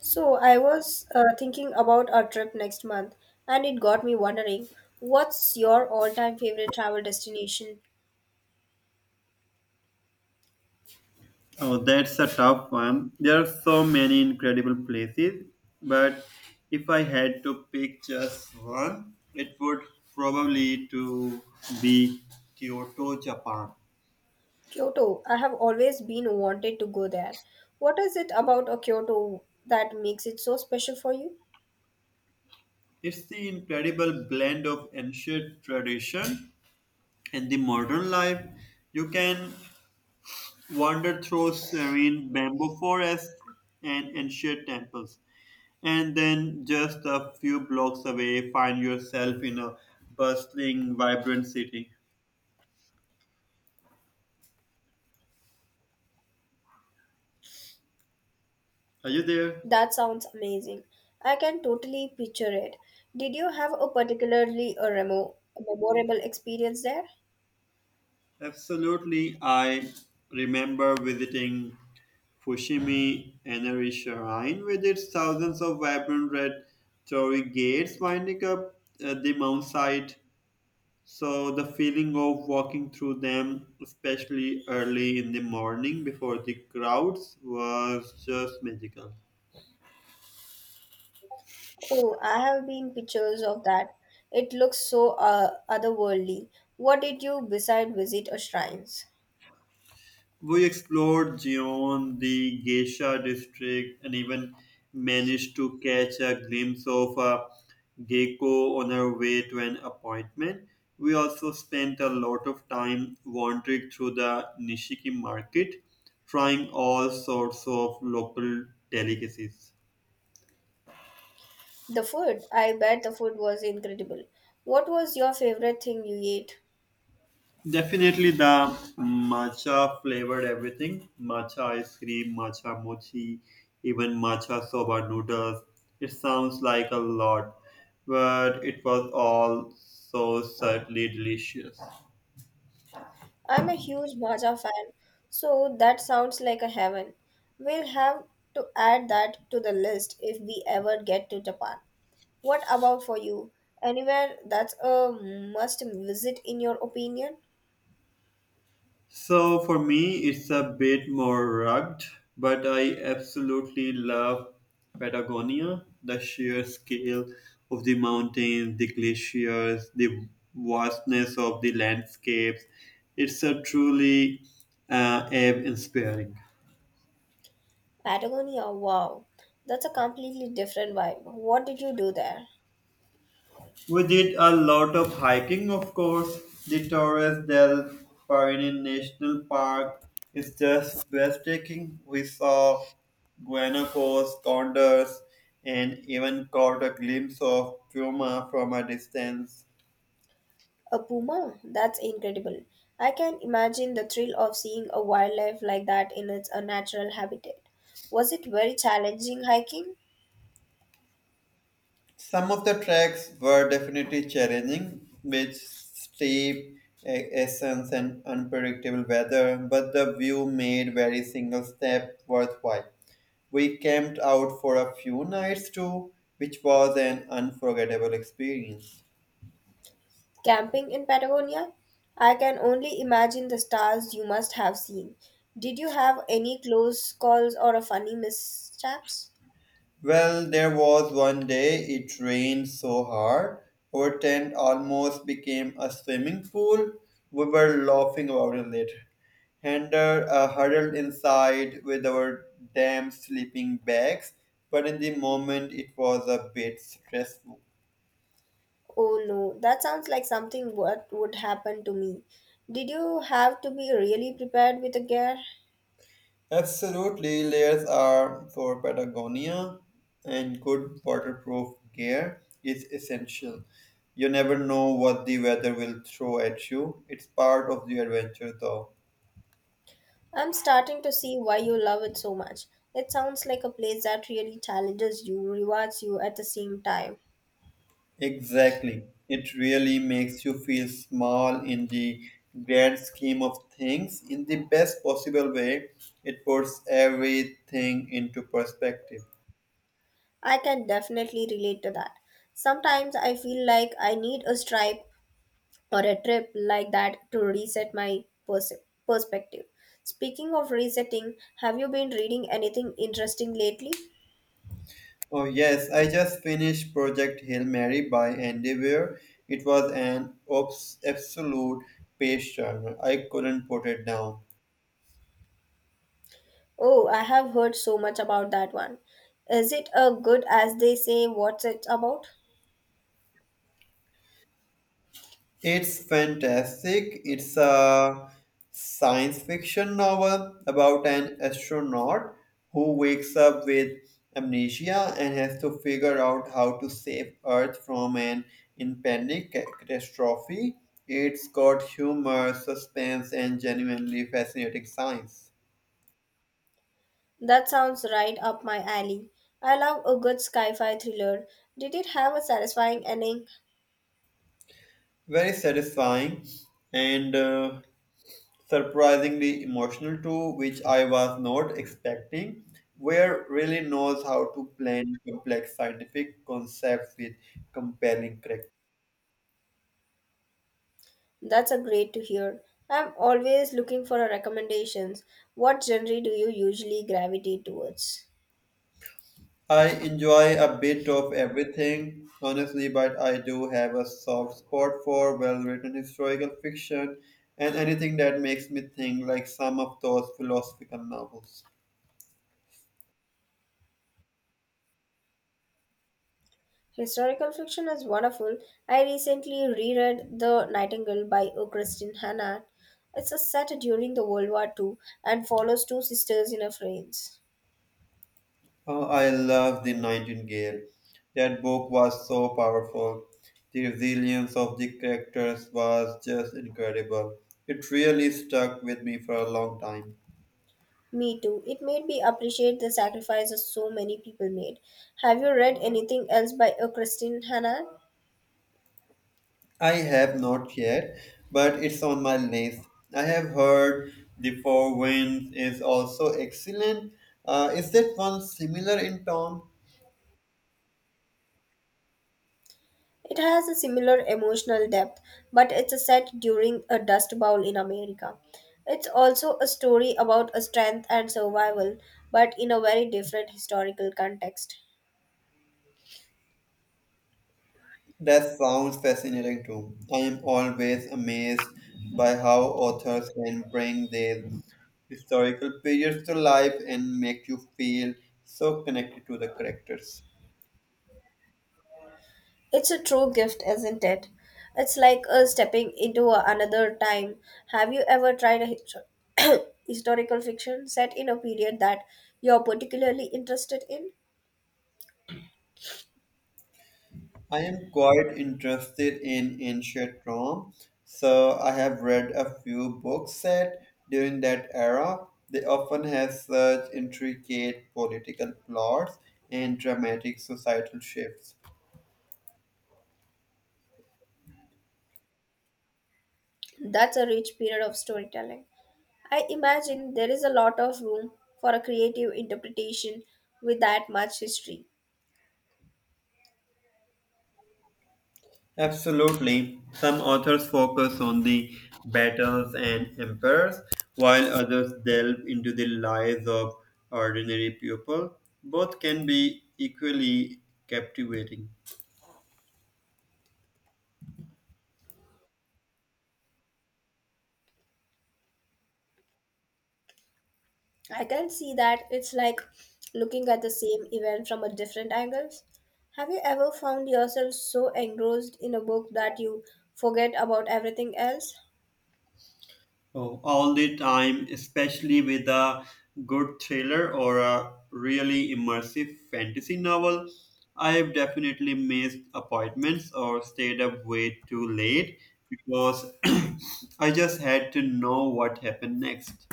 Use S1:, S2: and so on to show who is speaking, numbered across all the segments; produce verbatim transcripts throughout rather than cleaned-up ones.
S1: So, I was uh, thinking about our trip next month, and it got me wondering what's your all time favorite travel destination?
S2: Oh, that's a tough one. There are so many incredible places, but if I had to pick just one, it would probably to be Kyoto, Japan.
S1: Kyoto. I have always been wanted to go there. What is it about a Kyoto that makes it so special for you?
S2: It's the incredible blend of ancient tradition and the modern life. You can wander through serene bamboo forests and ancient temples, and then just a few blocks away, find yourself in a bustling, vibrant city. Are you there?
S1: That sounds amazing. I can totally picture it. Did you have a particularly a remo- memorable experience there?
S2: Absolutely. I remember visiting Fushimi Inari Shrine with its thousands of vibrant red torii gates winding up uh, the mountainside. So the feeling of walking through them, especially early in the morning before the crowds, was just magical.
S1: Oh, I have been pictures of that. It looks so uh, otherworldly. What did you beside visit a shrines?
S2: We explored Gion, the Geisha district, and even managed to catch a glimpse of a gecko on our way to an appointment. We also spent a lot of time wandering through the Nishiki market, trying all sorts of local delicacies.
S1: The food. I bet the food was incredible. What was your favorite thing you ate?
S2: Definitely the matcha flavored everything. Matcha ice cream, matcha mochi, even matcha soba noodles. It sounds like a lot, but it was all so subtly delicious.
S1: I'm a huge bhaja fan, so that sounds like a heaven. We'll have to add that to the list if we ever get to Japan. What about for you? Anywhere that's a must visit in your opinion?
S2: So for me, it's a bit more rugged, but I absolutely love Patagonia. The sheer scale of the mountains, the glaciers, the vastness of the landscapes. It's a truly uh, awe-inspiring.
S1: Patagonia, wow, that's a completely different vibe. What did you do there?
S2: We did a lot of hiking, of course. The Torres del Paine National Park is just breathtaking. We saw guanacos, condors, and even caught a glimpse of puma from a distance.
S1: A puma? That's incredible. I can imagine the thrill of seeing a wildlife like that in its uh, natural habitat. Was it very challenging hiking,
S2: Some of the tracks were definitely challenging, with steep a- ascents and unpredictable weather, but the view made every single step worthwhile. We camped out for a few nights too, which was an unforgettable experience.
S1: camping in Patagonia? I can only imagine the stars you must have seen. Did you have any close calls or a funny mishaps?
S2: Well, there was one day it rained so hard, our tent almost became a swimming pool. We were laughing about it later, and uh, huddled inside with our damp sleeping bags, but in the moment it was a bit stressful.
S1: Oh no, that sounds like something what would happen to me. Did you have to be really prepared with a gear?
S2: Absolutely, layers are for Patagonia, and good waterproof gear is essential. You never know what the weather will throw at you. It's part of the adventure, though.
S1: I'm starting to see why you love it so much. It sounds like a place that really challenges you, rewards you at the same time.
S2: Exactly. It really makes you feel small in the grand scheme of things. In the best possible way, it puts everything into perspective.
S1: I can definitely relate to that. Sometimes I feel like I need a stripe or a trip like that to reset my pers- perspective. Speaking of resetting, have you been reading anything interesting lately?
S2: Oh yes, I just finished Project Hail Mary by Andy Weir. It was an obs- absolute page turner. I couldn't put it down.
S1: Oh, I have heard so much about that one. Is it a good as they say what's it about?
S2: It's fantastic. It's a science fiction novel about an astronaut who wakes up with amnesia and has to figure out how to save Earth from an impending ca- catastrophe. It's got humor, suspense, and genuinely fascinating science.
S1: That sounds right up my alley. I love a good sci-fi thriller. Did it have a satisfying ending?
S2: Very satisfying and uh, surprisingly emotional too, which I was not expecting. Where really knows how to blend complex scientific concepts with compelling characters.
S1: That's a great to hear. I'm always looking for a recommendations. What genre do you usually gravitate towards?
S2: I enjoy a bit of everything, honestly, but I do have a soft spot for well-written historical fiction and anything that makes me think, like some of those philosophical novels.
S1: Historical fiction is wonderful. I recently reread The Nightingale by O. Christine Hannah. It's a set during the World War two and follows two sisters in a France.
S2: Oh, I love The Nightingale. That book was so powerful. The resilience of the characters was just incredible. It really stuck with me for a long time.
S1: Me too. It made me appreciate the sacrifices so many people made. Have you read anything else by uh, Christine Hanna?
S2: I have not yet, but it's on my list. I have heard The Four Winds is also excellent. Uh, is that one similar in tone?
S1: It has a similar emotional depth, but it's a set during a dust bowl in America. It's also a story about a strength and survival, but in a very different historical context.
S2: That sounds fascinating too. I am always amazed by how authors can bring their historical periods to life and make you feel so connected to the characters.
S1: It's a true gift, isn't it? It's like uh, stepping into a- another time. Have you ever tried a histo- historical fiction set in a period that you're particularly interested in?
S2: I am quite interested in ancient Rome, so I have read a few books set during that era. They often have such intricate political plots and dramatic societal shifts.
S1: That's a rich period of storytelling. I imagine there is a lot of room for a creative interpretation with that much history.
S2: Absolutely. Some authors focus on the battles and empires, while others delve into the lives of ordinary people. Both can be equally captivating.
S1: I can see that it's like looking at the same event from a different angles. Have you ever found yourself so engrossed in a book that you forget about everything else?
S2: Oh, all the time, especially with a good thriller or a really immersive fantasy novel. I've definitely missed appointments or stayed up way too late because I just had to know what happened next.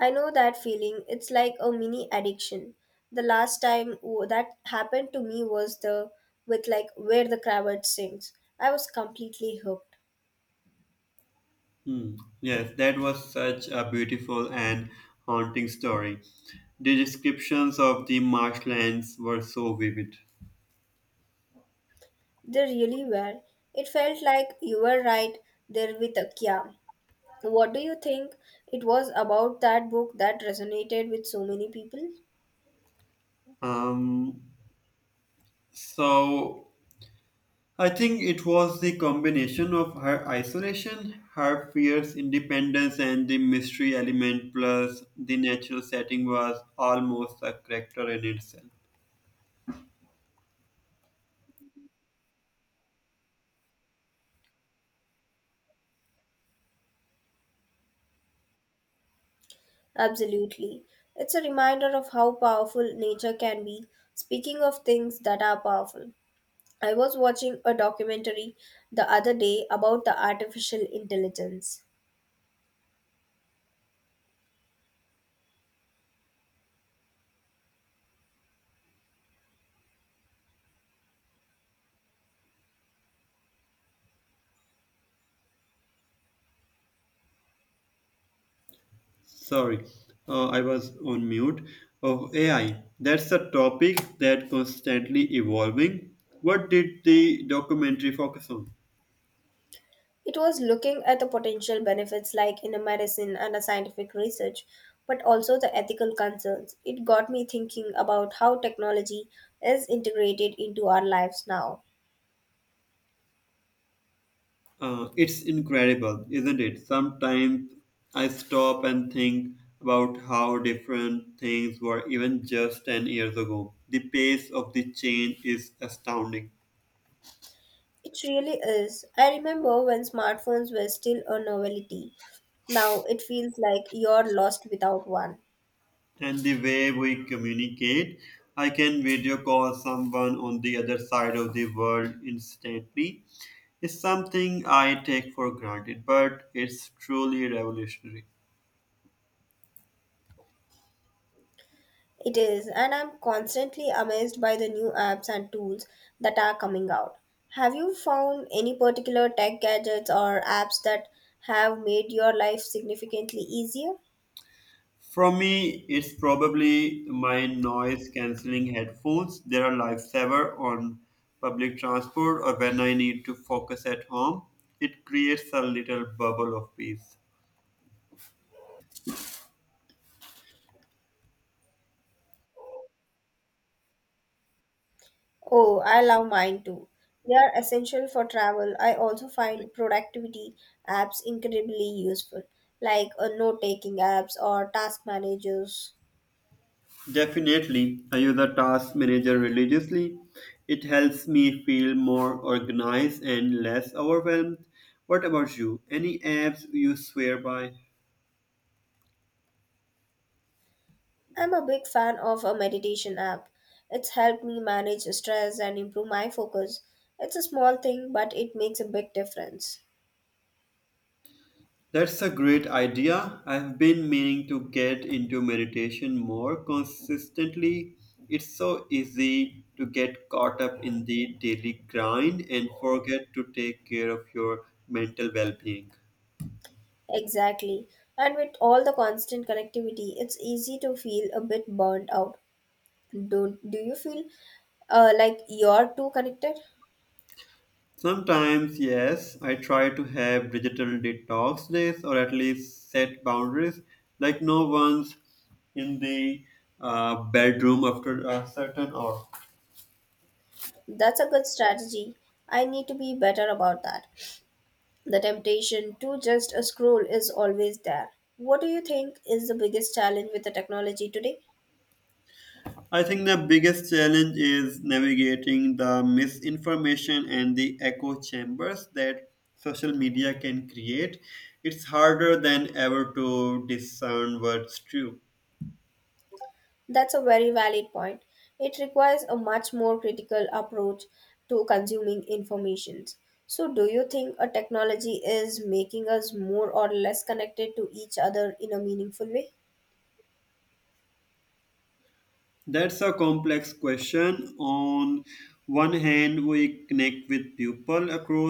S1: I know that feeling. It's like a mini addiction. The last time w- that happened to me was the with like Where the Crawdads Sings. I was completely hooked.
S2: Hmm. Yes, that was such a beautiful and haunting story. The descriptions of the marshlands were so vivid.
S1: They really were. It felt like you were right there with a Kya. What do you think it was about that book that resonated with so many people?
S2: Um, so I think it was the combination of her isolation, her fierce independence, and the mystery element, plus the natural setting was almost a character in itself.
S1: Absolutely. It's a reminder of how powerful nature can be. Speaking of things that are powerful, I was watching a documentary the other day about the artificial intelligence.
S2: Sorry, uh, I was on mute. Oh, A I. That's a topic that constantly evolving. What did the documentary focus on?
S1: It was looking at the potential benefits like in a medicine and a scientific research, but also the ethical concerns. It got me thinking about how technology is integrated into our lives now.
S2: Uh, it's incredible, isn't it? Sometimes I stop and think about how different things were even just ten years ago. The pace of the change is astounding.
S1: It really is. I remember when smartphones were still a novelty. Now it feels like you're lost without one.
S2: And the way we communicate. I can video call someone on the other side of the world instantly. It's something I take for granted, but it's truly revolutionary.
S1: It is, and I'm constantly amazed by the new apps and tools that are coming out. Have you found any particular tech gadgets or apps that have made your life significantly easier?
S2: From me, it's probably my noise cancelling headphones. They're a lifesaver on public transport or when I need to focus at home. It creates a little bubble of peace.
S1: Oh, I love mine too. They are essential for travel. I also find productivity apps incredibly useful, like uh, note taking apps or task managers.
S2: Definitely, I use a task manager religiously. It helps me feel more organized and less overwhelmed. What about you? Any apps you swear by?
S1: I'm a big fan of a meditation app. It's helped me manage stress and improve my focus. It's a small thing, but it makes a big difference.
S2: That's a great idea. I've been meaning to get into meditation more consistently. It's so easy to get caught up in the daily grind and forget to take care of your mental well being.
S1: Exactly. And with all the constant connectivity, it's easy to feel a bit burnt out. Do, do you feel uh, like you're too connected?
S2: Sometimes, yes, I try to have digital detox days or at least set boundaries. Like, no one's in the uh, bedroom after a certain hour.
S1: That's a good strategy. I need to be better about that. The temptation to just a scroll is always there. What do you think is the biggest challenge with the technology today?
S2: I think the biggest challenge is navigating the misinformation and the echo chambers that social media can create. It's harder than ever to discern what's true.
S1: That's a very valid point. It requires a much more critical approach to consuming informations. So, do you think a technology is making us more or less connected to each other in a meaningful way?
S2: That's a complex question. On one hand, we connect with people across